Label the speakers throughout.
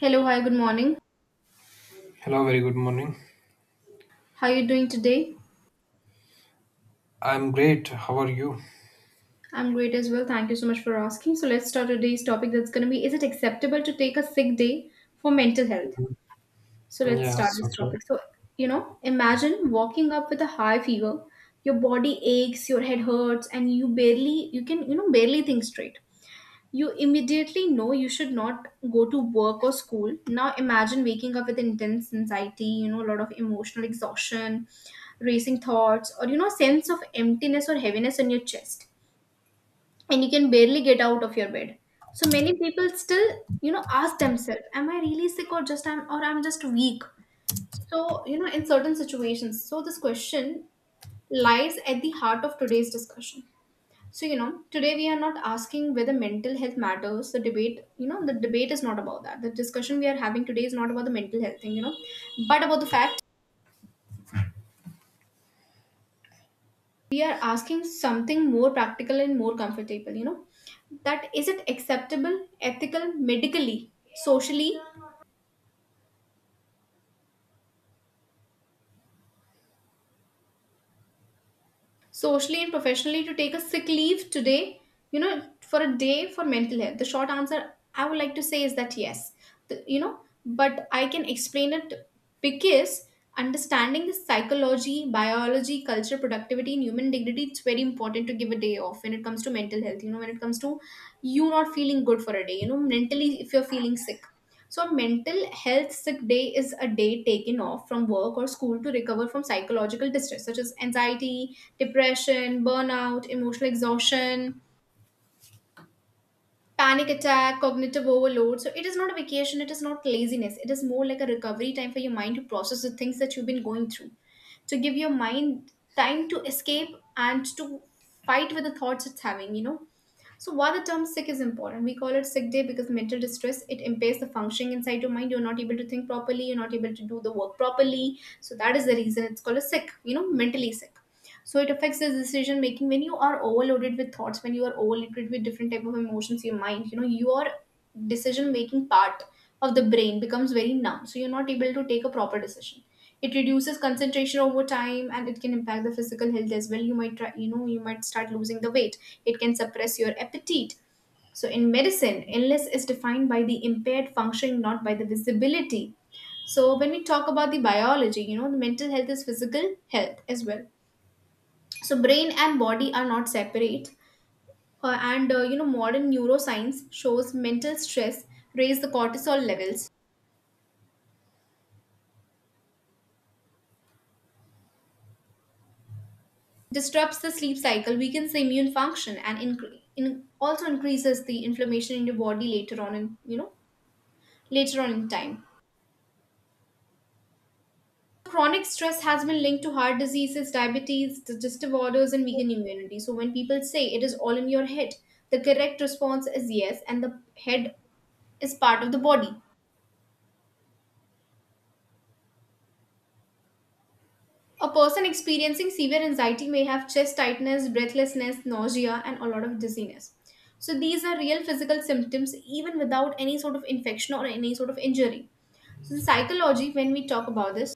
Speaker 1: Hello, hi, good morning.
Speaker 2: Hello, very good morning.
Speaker 1: How are you doing today?
Speaker 2: I'm great. How are you?
Speaker 1: I'm great as well. Thank you so much for asking. So let's start today's topic, that's going to be, is it acceptable to take a sick day for mental health?
Speaker 2: Mhm.
Speaker 1: So let's start
Speaker 2: Yes,
Speaker 1: this
Speaker 2: okay.
Speaker 1: topic. Imagine walking up with a high fever, your body aches, your head hurts, and you can barely think straight. You immediately know you should not go to work or school. Now imagine waking up with intense anxiety, a lot of emotional exhaustion, racing thoughts, or, sense of emptiness or heaviness in your chest. And you can barely get out of your bed. So many people still, ask themselves, am I really sick, or just I'm or I'm just weak? So, in certain situations. So this question lies at the heart of today's discussion. So, today we are not asking whether mental health matters. The debate is not about that. The discussion we are having today is not about the mental health thing, you know, but about the fact we are asking something more practical and more comfortable, that is it acceptable, ethical, medically, socially, socially and professionally, to take a sick leave today, you know, for a day, for mental health? The short answer I would like to say is that yes. The- you know but I can explain it, because understanding the psychology, biology, culture, productivity and human dignity, it's very important to give a day off when it comes to mental health, you know, when it comes to you not feeling good for a day, you know, mentally, if you're feeling sick. So a mental health sick day is a day taken off from work or school to recover from psychological distress such as anxiety, depression, burnout, emotional exhaustion, panic attack, cognitive overload. So it is not a vacation, it is not laziness. It is more like a recovery time for your mind to process the things that you've been going through, to give your mind time to escape and to fight with the thoughts it's having, you know. So why the term sick is important: we call it sick day because mental distress, it impairs the functioning inside your mind. You're not able to think properly, you're not able to do the work properly, so that is the reason it's called a sick, you know, mentally sick. So it affects the decision making. When you are overloaded with thoughts, when you are overloaded with different type of emotions in your mind, you know, your decision making part of the brain becomes very numb, so you're not able to take a proper decision. It reduces concentration over time, and it can impact the physical health as well. You might try, you know, you might start losing the weight, it can suppress your appetite. So in medicine, illness is defined by the impaired functioning, not by the visibility. So when we talk about the biology, you know, the mental health is physical health as well. So brain and body are not separate. And you know, modern neuroscience shows mental stress raise the cortisol levels, disrupts the sleep cycle, weakens the immune function, and also increases the inflammation in your body later on, in you know later on in time. So, chronic stress has been linked to heart diseases, diabetes, digestive disorders, and weakened immunity. So when people say it is all in your head, the correct response is yes, and the head is part of the body. A person experiencing severe anxiety may have chest tightness, breathlessness, nausea, and a lot of dizziness. So, these are real physical symptoms even without any sort of infection or any sort of injury. So, the psychology, when we talk about this,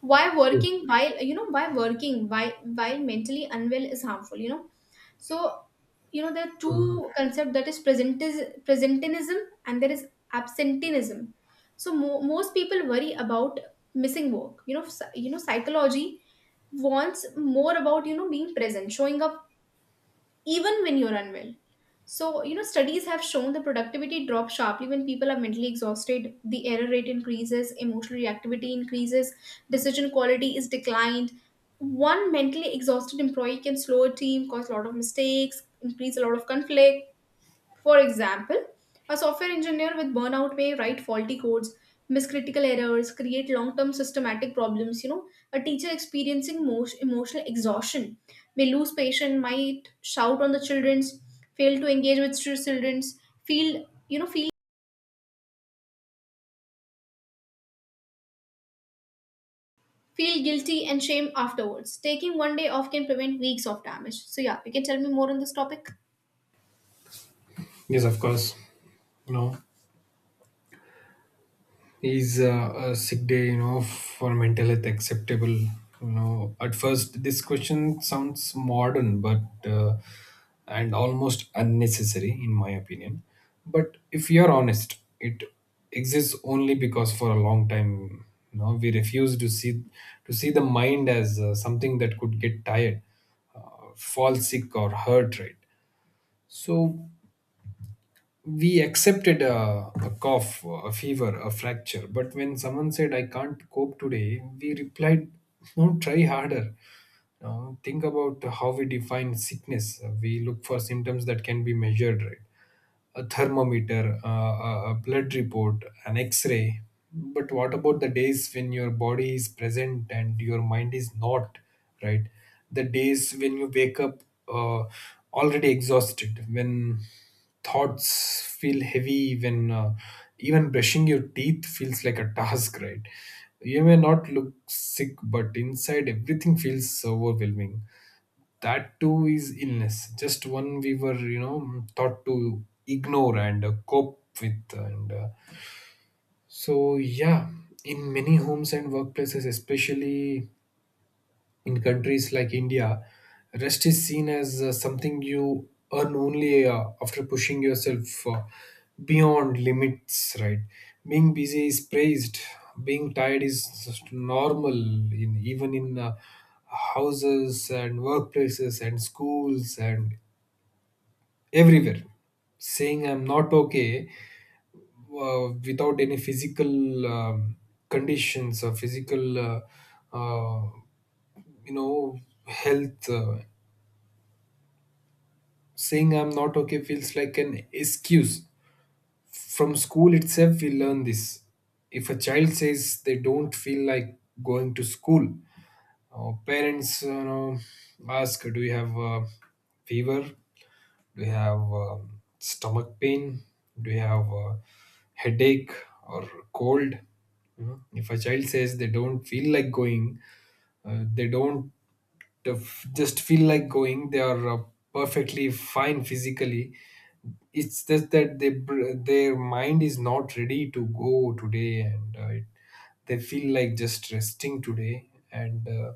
Speaker 1: why while mentally unwell is harmful, so there are
Speaker 2: Mhm.
Speaker 1: two concepts, that is presentism, and there is absenteeism. So most people worry about missing work, psychology wants more about, you know, being present, showing up even when you're unwell. So, you know, studies have shown the productivity drops sharply when people are mentally exhausted, the error rate increases, emotional reactivity increases, decision quality is declined. One mentally exhausted employee can slow a team, cause a lot of mistakes, increase a lot of conflict. For example, a software engineer with burnout may write faulty codes, miss critical errors, create long-term systematic problems. You know, a teacher experiencing most emotional exhaustion may lose patience, might shout on the childrens, fail to engage with childrens, feel you know feel feel guilty and shame afterwards. Taking one day off can prevent weeks of damage. So yeah, you can tell me more on this topic.
Speaker 2: Yes, of course. No. Is a sick day, for mental health, acceptable? At first this question sounds modern, but uh, and almost unnecessary, in my opinion. But if you're honest, it exists only because for a long time, we refuse to see the mind as something that could get tired, uh, fall sick or hurt, right? So we accepted a cough, a fever, a fracture. But when someone said, "I can't cope today," we replied, "No, try harder." Now, think about how we define sickness. We look for symptoms that can be measured, right? A thermometer, a blood report, an x ray. But what about the days when your body is present and your mind is not, right? The days when you wake up uh, already exhausted, when thoughts feel heavy, when even brushing your teeth feels like a task, right? You may not look sick, but inside everything feels overwhelming. That too is illness, just one we were, taught to ignore and cope with, and so yeah, in many homes and workplaces, especially in countries like India, rest is seen as something you earn only after pushing yourself beyond limits, right? Being busy is praised, being tired is just normal, even in houses and workplaces and schools and everywhere. Saying I'm not okay without any physical conditions or physical uh, you know health saying I'm not okay feels like an excuse. From school itself, we learn this. If a child says they don't feel like going to school, parents, ask, "Do you have a fever? Do you have stomach pain? Do you have a headache or cold?" You know, if a child says they don't feel like going, they don't to f- just feel like going. They are perfectly fine physically. It's just that their mind is not ready to go today, and they feel like just resting today. And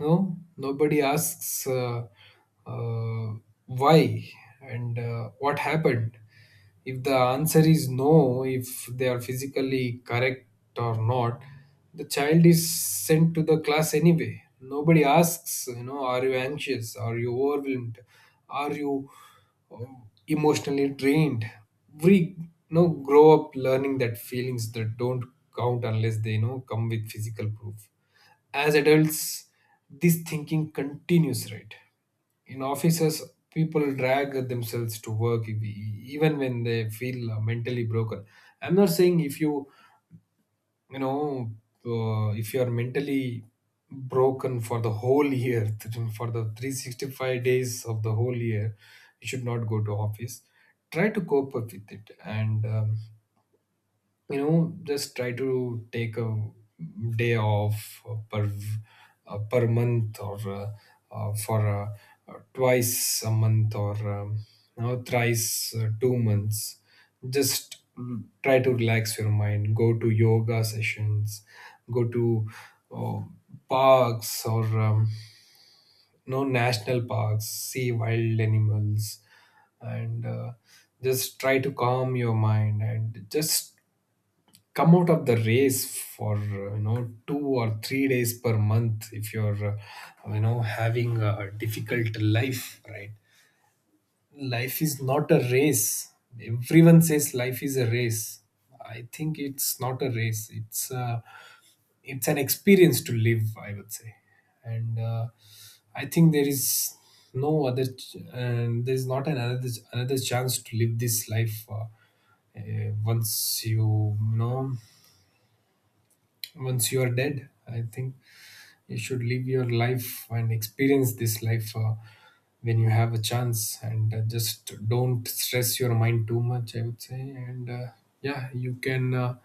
Speaker 2: no, nobody asks uh, why, and what happened. If the answer is no, if they are physically correct or not, the child is sent to the class anyway. Nobody asks, "Are you anxious? Are you overwhelmed? Are you uh, emotionally drained?" We grow up learning that feelings that don't count unless they come with physical proof. As adults, this thinking continues, right? In offices, people drag themselves to work even when they feel mentally broken. I'm not saying if you, you know if you are mentally broken for the whole year for the 365 days of the whole year, you should not go to office. Try to cope up with it, and just try to take a day off per month, or for twice a month, or thrice, 2 months. Just try to relax your mind, go to yoga sessions, go to uh, parks, or no, national parks, see wild animals, and just try to calm your mind, and just come out of the race for 2 or 3 days per month if you're, having a difficult life, right? Life is not a race. Everyone says life is a race. I think it's not a race, it's it's an experience to live, I would say. And I think there is no other ch- and there's not another chance to live this life, uh, once you you know once you are dead. I think you should live your life and experience this life when you have a chance, and just don't stress your mind too much, I would say. And Yeah, you can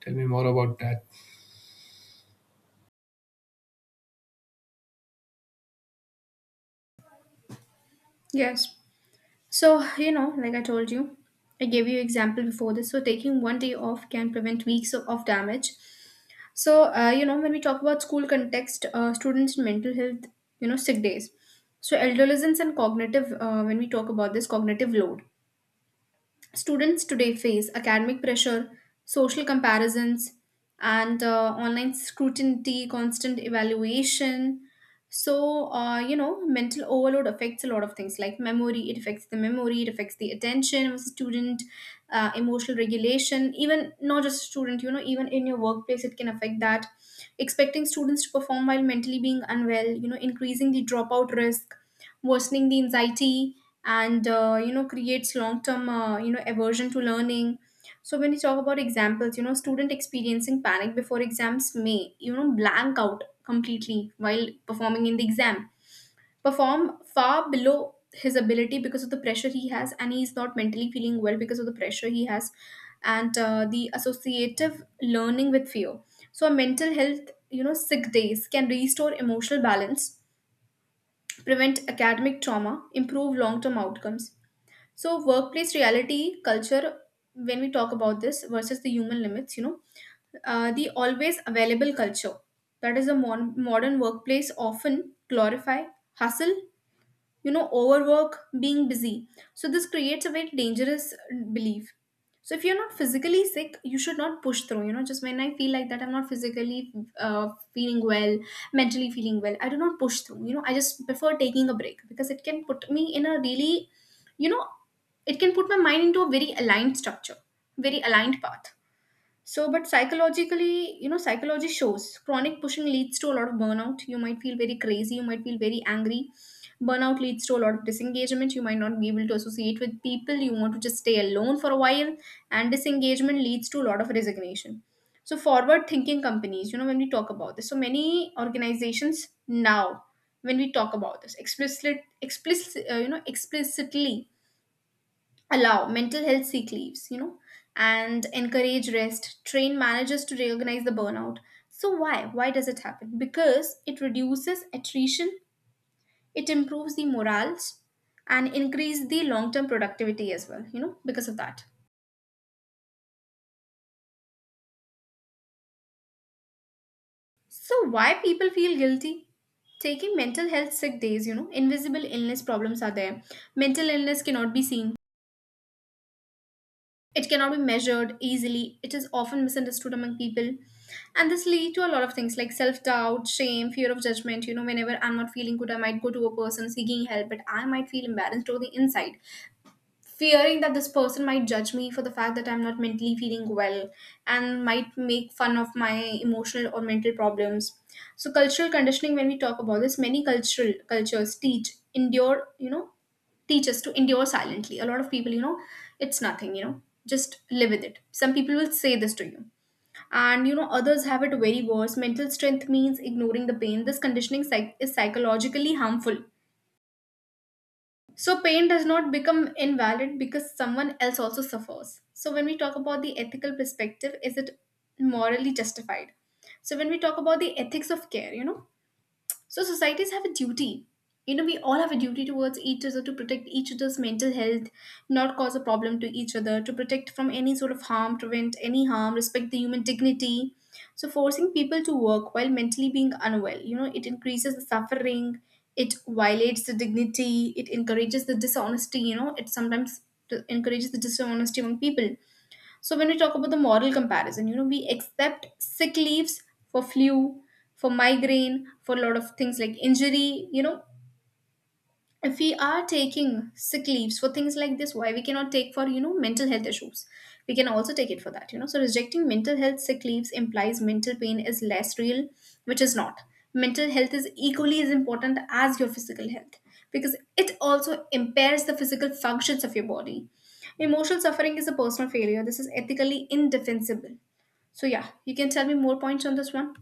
Speaker 2: tell me more about that.
Speaker 1: Yes. So, you know, like I told you, I gave you example before this. So, taking one day off can prevent weeks of damage. So, you know, when we talk about school context, students in mental health, you know, sick days. So, adolescence and cognitive, when we talk about this cognitive load. Students today face academic pressure, social comparisons, and online scrutiny, constant evaluation. So, you know, mental overload affects a lot of things like memory, it affects the memory, it affects the attention of a student, emotional regulation, even not just student, you know, even in your workplace, it can affect that. Expecting students to perform while mentally being unwell, you know, increasing the dropout risk, worsening the anxiety, and you know, creates long term you know, aversion to learning. So when you talk about examples, you know, student experiencing panic before exams may, you know, blank out completely while performing in the exam, perform far below his ability because of the pressure he has, and he's not mentally feeling well because of the pressure he has, and the associative learning with fear. So a mental health, you know, sick days can restore emotional balance, prevent academic trauma, improve long term outcomes. So, workplace reality, culture, when we talk about this versus the human limits, you know, the always available culture, that is a modern workplace often glorify hustle, you know, overwork, being busy. So this creates a very dangerous belief. So if you're not physically sick you should not push through. You know, just when I feel like that, I'm not physically uh, feeling well, mentally feeling well, I do not push through. You know, I just prefer taking a break, because it can put me in a really, you know, it can put my mind into a very aligned structure, very aligned path. So, but psychologically, you know, psychology shows chronic pushing leads to a lot of burnout. You might feel very crazy, you might feel very angry. Burnout leads to a lot of disengagement. You might not be able to associate with people. You want to just stay alone for a while. And disengagement leads to a lot of resignation. So, forward thinking companies, you know, when we talk about this, so many organizations now, when we talk about this, explicitly, explicit, you know, explicitly allow mental health sick leaves, you know, and encourage rest, train managers to recognize the burnout. So why? Why does it happen? Because it reduces attrition, it improves the morals, and increase the long-term productivity as well, you know, because of that. So why people feel guilty taking mental health sick days? You know, invisible illness problems are there. Mental illness cannot be seen. It cannot be measured easily. It is often misunderstood among people. And this lead to a lot of things like self doubt, shame, fear of judgment. You know, whenever I'm not feeling good, I might go to a person seeking help, but I might feel embarrassed on the inside, fearing that this person might judge me for the fact that I'm not mentally feeling well, and might make fun of my emotional or mental problems. So cultural conditioning, when we talk about this, many cultural cultures teach endure, you know, teach us to endure silently. A lot of people, you know, it's nothing, you know, just live with it. Some people will say this to you. And you know, others have it very worse. Mental strength means ignoring the pain. This is psychologically harmful, so pain does not become invalid because someone else also suffers. So when we talk about the ethical perspective, is it morally justified? So when we talk about the ethics of care, you know, so societies have a duty. You know, we all have a duty towards each other to protect each other's mental health, not cause a problem to each other, to protect from any sort of harm, prevent any harm, respect the human dignity. So forcing people to work while mentally being unwell, it increases the suffering, it violates the dignity, it encourages the dishonesty, it sometimes encourages the dishonesty among people. So when we talk about the moral comparison, we accept sick leaves for flu, for migraine, for a lot of things like injury. If we are taking sick leaves for things like this, why we cannot take for mental health issues? We can also take it for that. So rejecting mental health sick leaves implies mental pain is less real, which is not. Mental health is equally as important as your physical health, because it also impairs the physical functions of your body. Emotional suffering is a personal failure — this is ethically indefensible. So yeah, you can tell me more points on this one.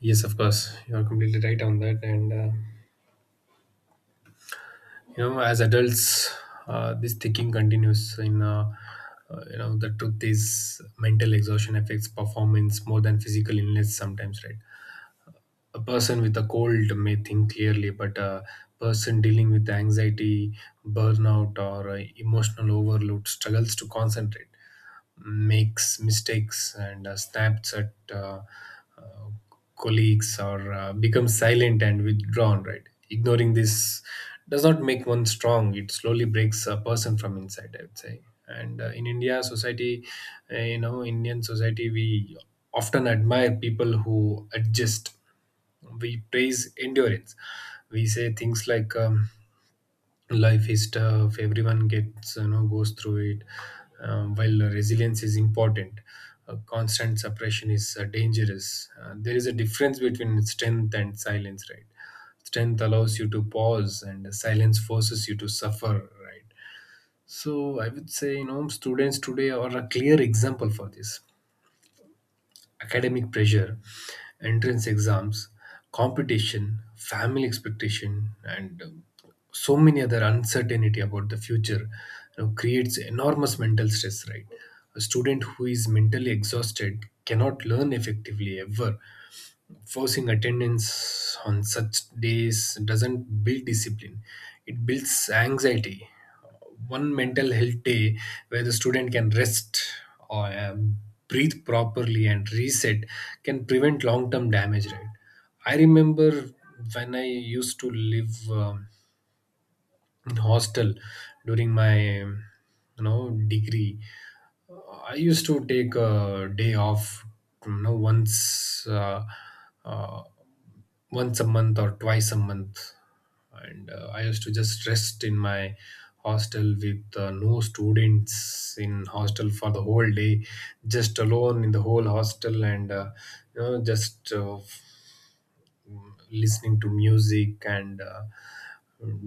Speaker 2: Yes, of course, you are completely right on that. And as adults, this thinking continues in, the truth is, mental exhaustion affects performance more than physical illness sometimes, right? A person with a cold may think clearly, but a person dealing with anxiety, burnout, or emotional overload struggles to concentrate, makes mistakes, and snaps at uh, colleagues, or becomes silent and withdrawn. Right, ignoring this does not make one strong. It slowly breaks a person from inside, I would say. And in India society, Indian society, we often admire people who adjust. We praise endurance. We say things like, life is tough, everyone gets, goes through it. While resilience is important, constant suppression is dangerous. There is a difference between strength and silence, right? Strength allows you to pause, and silence forces you to suffer, right? So I would say, students today are a clear example for this. Academic pressure, entrance exams, competition, family expectation, and so many other uncertainty about the future, creates enormous mental stress, right? A student who is mentally exhausted cannot learn effectively, ever. Forcing attendance on such days doesn't build discipline, it builds anxiety. One mental health day, where the student can rest or breathe properly and reset, can prevent long term damage, right? I remember when I used to live. In hostel during my, you know degree. I used to take a day off, you know once uh, uh, once a month or twice a month, and I used to just rest in my hostel with no students in hostel for the whole day, just alone in the whole hostel, and just, listening to music, and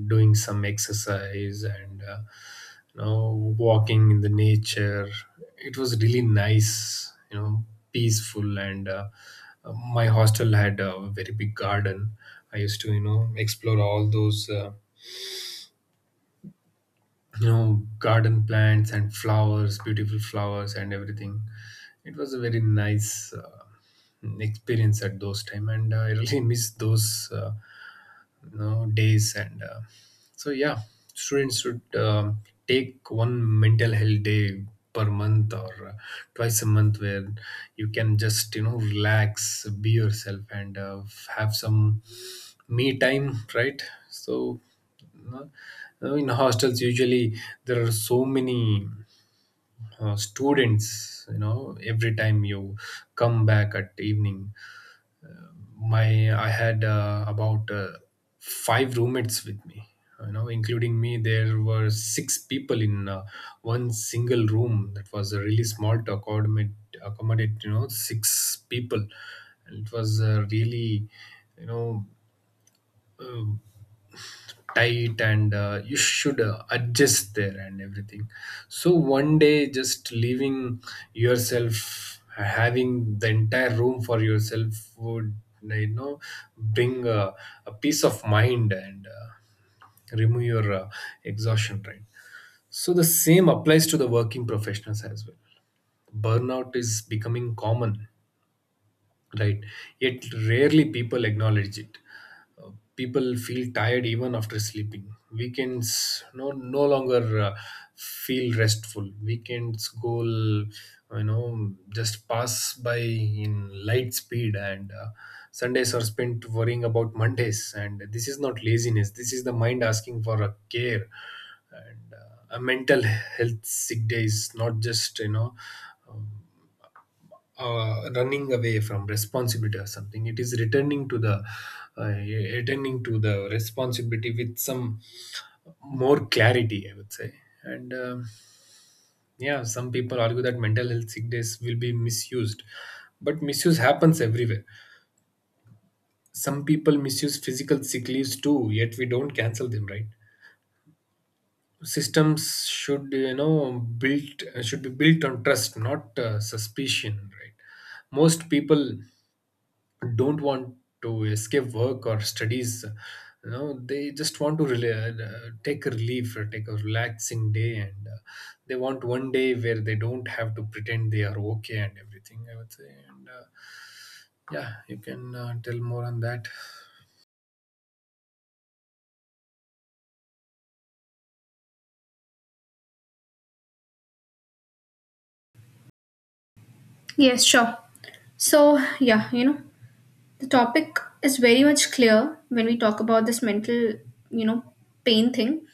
Speaker 2: doing some exercise, and walking in the nature. It was really nice, peaceful, and my hostel had a very big garden. I used to, explore all those, garden plants and flowers, beautiful flowers and everything. It was a very nice experience at those time, and I really miss those, days, and so yeah, students should take one mental health day per month or twice a month, where you can just, relax, be yourself, and have some me time, right? So no- no, in hostels usually there are so many students, every time you come back at evening, my I had, about five roommates with me. Including me, there were six people in one single room, that was really small to accommodate, six people, and it was really, you know uh, tight, and you should adjust there and everything. So one day just leaving yourself, having the entire room for yourself, would, you know bring a peace of mind, and remove your exhaustion, right? So the same applies to the working professionals as well. Burnout is becoming common, right? Yet rarely people acknowledge it. Uh, People feel tired even after sleeping. Weekends no no longer feel restful, weekends go, you know just pass by in light speed, and Sundays are spent worrying about Mondays, and this is not laziness, this is the mind asking for a care. And A mental health sick day is not just, um, running away from responsibility or something. It is uh, returning to the responsibility with some more clarity, I would say. And yeah, some people argue that mental health sick days will be misused, but misuse happens everywhere. Some people misuse physical sick leaves too, yet we don't cancel them, right? Systems should be built on trust, not suspicion, right? Most people don't want to escape work or studies, they just want to take a relief or take a relaxing day, and they want one day where they don't have to pretend they are okay and everything, I would say. And Yeah, you can tell more on that.
Speaker 1: Yes, sure. So, yeah, the topic is very much clear when we talk about this mental, you know, pain thing.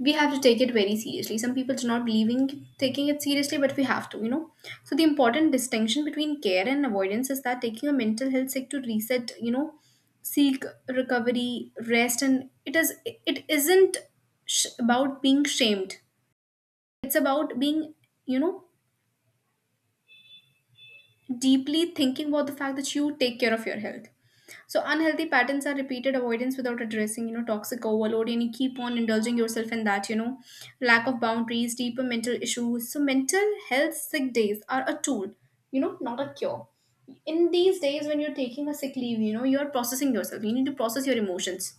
Speaker 1: We have to take it very seriously. Some people do not believe in taking it seriously, but we have to, So the important distinction between care and avoidance is that taking a mental health sick to reset, seek recovery, rest, and it isn't about being shamed. It's about being, you know, deeply thinking about the fact that you take care of your health. So unhealthy patterns are repeated avoidance without addressing, toxic overload, and you keep on indulging yourself in that, lack of boundaries, deeper mental issues. So mental health sick days are a tool, not a cure. In these days when you're taking a sick leave, you're processing yourself. You need to process your emotions.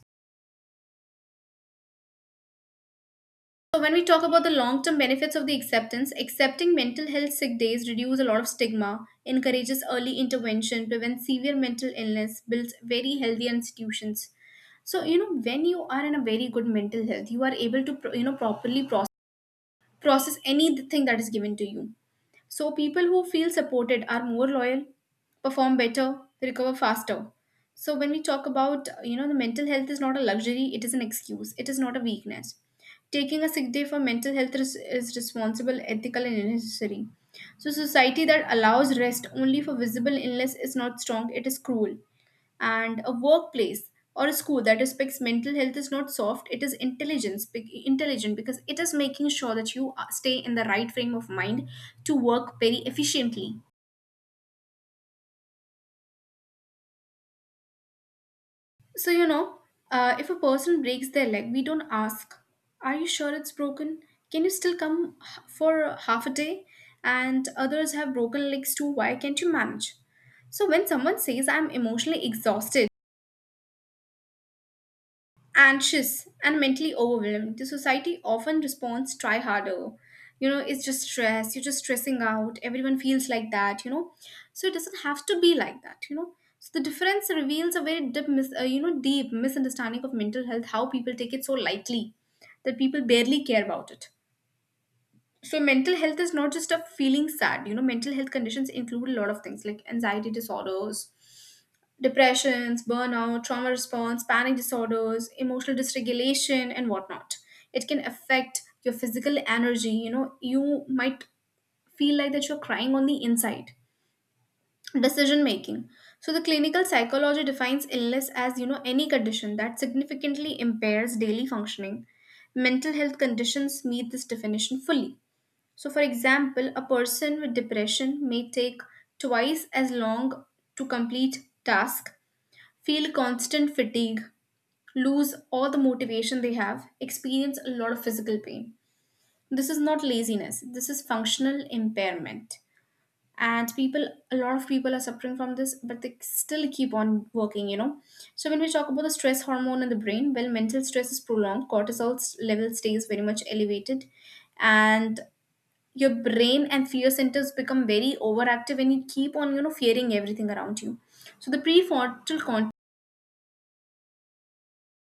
Speaker 1: So when we talk about the long-term benefits of the acceptance, accepting mental health sick days reduce a lot of stigma, encourages early intervention, prevents severe mental illness, builds very healthy institutions. So you know when you are in a very good mental health, you are able to properly process anything that is given to you. So people who feel supported are more loyal, perform better, they recover faster. So, when we talk about, the mental health is not a luxury, it is an excuse, it is not a weakness. Taking a sick day for mental health is responsible, ethical, and necessary. So, society that allows rest only for visible illness is not strong, it is cruel. And a workplace or a school that respects mental health is not soft, it is intelligent, because it is making sure that you are- stay in the right frame of mind to work very efficiently. So you know, if a person breaks their leg, we don't ask, are you sure it's broken? Can you still come for half a day? And others have broken legs too, why can't you manage? So when someone says I'm emotionally exhausted, anxious and mentally overwhelmed, the society often responds, try harder. You know, it's just stress, you're just stressing out, everyone feels like that. So it doesn't have to be like that. So the difference reveals a very deep deep misunderstanding of mental health, how people take it so lightly, that people barely care about it. So mental health is not just a feeling sad. You know, mental health conditions include a lot of things like anxiety disorders, depressions, burnout, trauma response, panic disorders, emotional dysregulation, and whatnot. It can affect your physical energy. You know, you might feel like that you're crying on the inside. Decision making. So the clinical psychology defines illness as any condition that significantly impairs daily functioning. Mental health conditions meet this definition fully. So, for example, a person with depression may take twice as long to complete task, feel constant fatigue, lose all the motivation they have, experience a lot of physical pain. This is not laziness, this is functional impairment. And people, a lot of people are suffering from this, but they still keep on working, So, when we talk about the stress hormone in the brain, well, mental stress is prolonged, level stays very much elevated, and your brain and fear centers become very overactive, and you keep on, fearing everything around you. So, the prefrontal cortex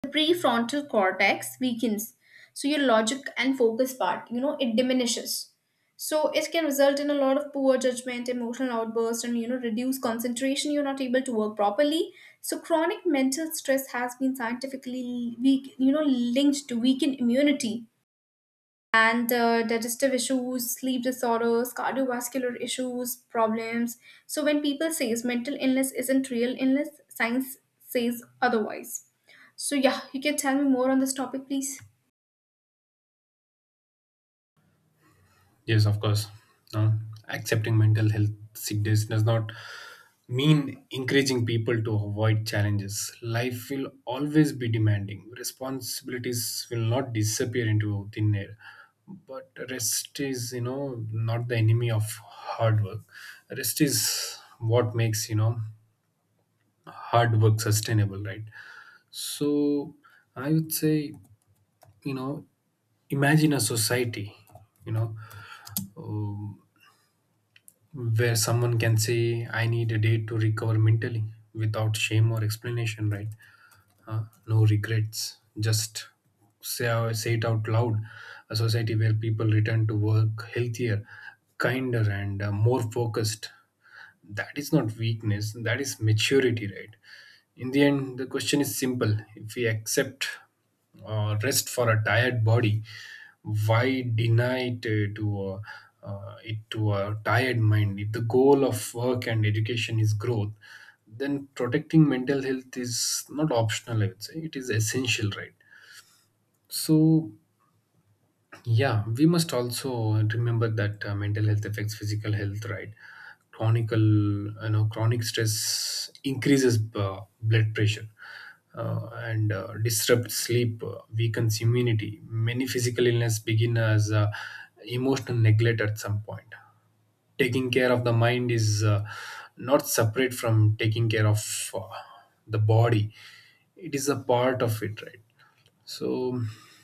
Speaker 1: the prefrontal cortex weakens, so your logic and focus part, you know, it diminishes. So it can result in a lot of poor judgment, emotional outbursts, and you know, reduced concentration, you're not able to work properly. So chronic mental stress has been scientifically weak you know linked to weakened immunity and digestive issues, sleep disorders, cardiovascular issues, problems. So when people says mental illness isn't real illness, science says otherwise. So yeah, you can tell me more on this topic, please.
Speaker 2: Yes, of course. No, accepting mental health sickness does not mean encouraging people to avoid challenges. Life will always be demanding. Responsibilities will not disappear into thin air. But rest is, not the enemy of hard work. Rest is what makes, hard work sustainable, right? So I would say, you know, imagine a society, you know, um, where someone can say, I need a day to recover mentally without shame or explanation, right? Uh, no regrets, just say, say it out loud. A society where people return to work healthier, kinder and more focused. That is not weakness, that is maturity, right? In the end the question is simple: if we accept rest for a tired body, why deny it to a tired mind? If the goal of work and education is growth, then protecting mental health is not optional, I would say it is essential, right? So yeah, we must also remember that mental health affects physical health, right? Chronic stress increases blood pressure and disrupts sleep, weakens immunity. Many physical illness begin as emotional neglect. At some point, taking care of the mind is not separate from taking care of the body, it is a part of it, right? So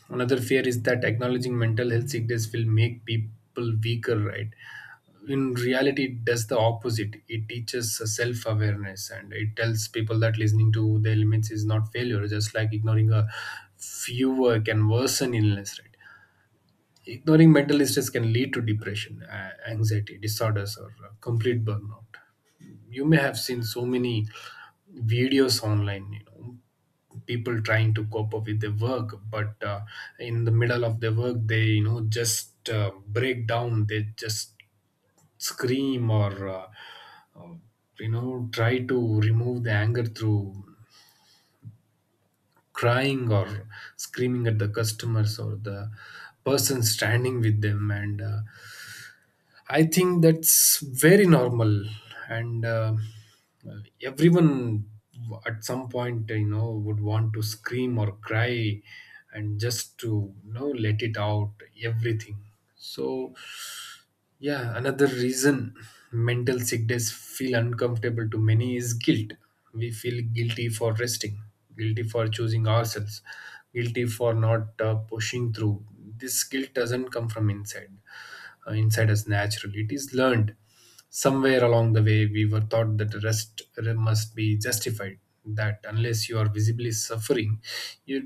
Speaker 2: another fear is that acknowledging mental health sickness will make people weaker, right? In reality it does the opposite, it teaches self awareness and it tells people that listening to their limits is not failure, just like ignoring a fewer can worsen illness, right? Ignoring mental stress can lead to depression, anxiety disorders, or complete burnout. You may have seen so many videos online, people trying to cope up with their work, but in the middle of their work, they you know just break down. They just scream or uh, try to remove the anger through crying or screaming at the customers or the person standing with them, and I think that's very normal, and everyone at some point, would want to scream or cry, and just to let it out, everything. So, yeah, another reason mental sickness feel uncomfortable to many is guilt. We feel guilty for resting, guilty for choosing ourselves, guilty for not pushing through. This guilt doesn't come from inside us naturally, it is learned. Somewhere along the way we were taught that rest must be justified, that unless you are visibly suffering you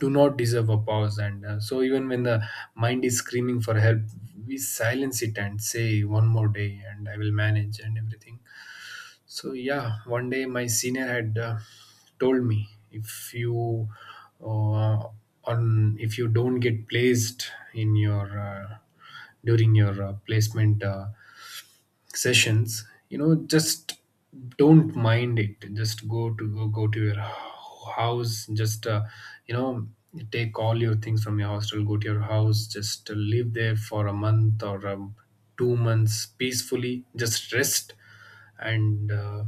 Speaker 2: do not deserve a pause, and so even when the mind is screaming for help we silence it and say one more day and I will manage and everything. So yeah, one day my senior had told me, if you uh, on if you don't get placed in your during your placement sessions, just don't mind it, just go to your house, just you know take all your things from your hostel, go to your house, just live there for a month or 2 months peacefully, just rest and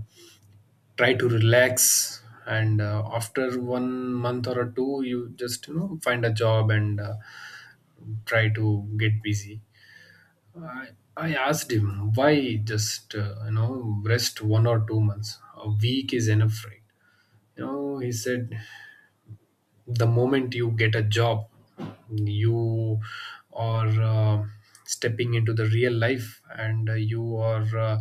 Speaker 2: try to relax, and after one month or two you just find a job and try to get busy. I, I asked him why, just rest 1 or 2 months? A week is enough, right? You know, he said the moment you get a job, you are stepping into the real life, and you are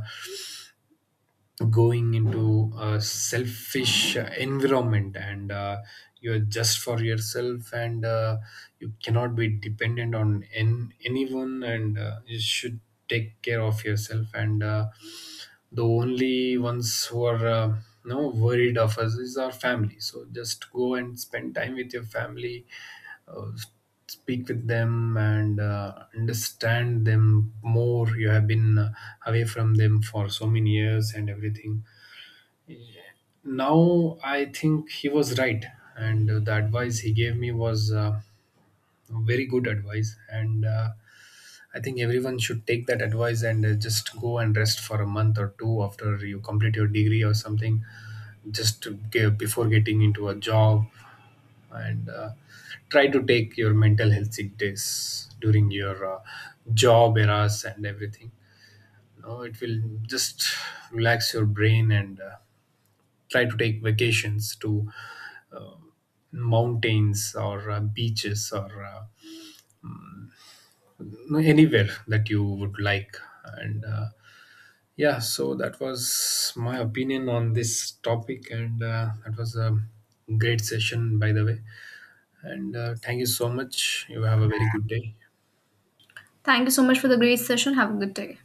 Speaker 2: going into a selfish environment, and you're just for yourself, and you cannot be dependent on an anyone, and you should take care of yourself, and the only ones who are no worried of us is our family, so just go and spend time with your family, uh, speak with them and understand them more. You have been away from them for so many years and everything. Now I think he was right, and the advice he gave me was very good advice, and I think everyone should take that advice and just go and rest for a month or two after you complete your degree or something, just to give before getting into a job, and try to take your mental health sick days during your job eras and everything. No, it will just relax your brain, and try to take vacations to uh, mountains or beaches or anywhere that you would like, and yeah, so that was my opinion on this topic, and that was a great session, by the way. And thank you so much. You have a very good day.
Speaker 1: Thank you so much for the great session. Have a good day.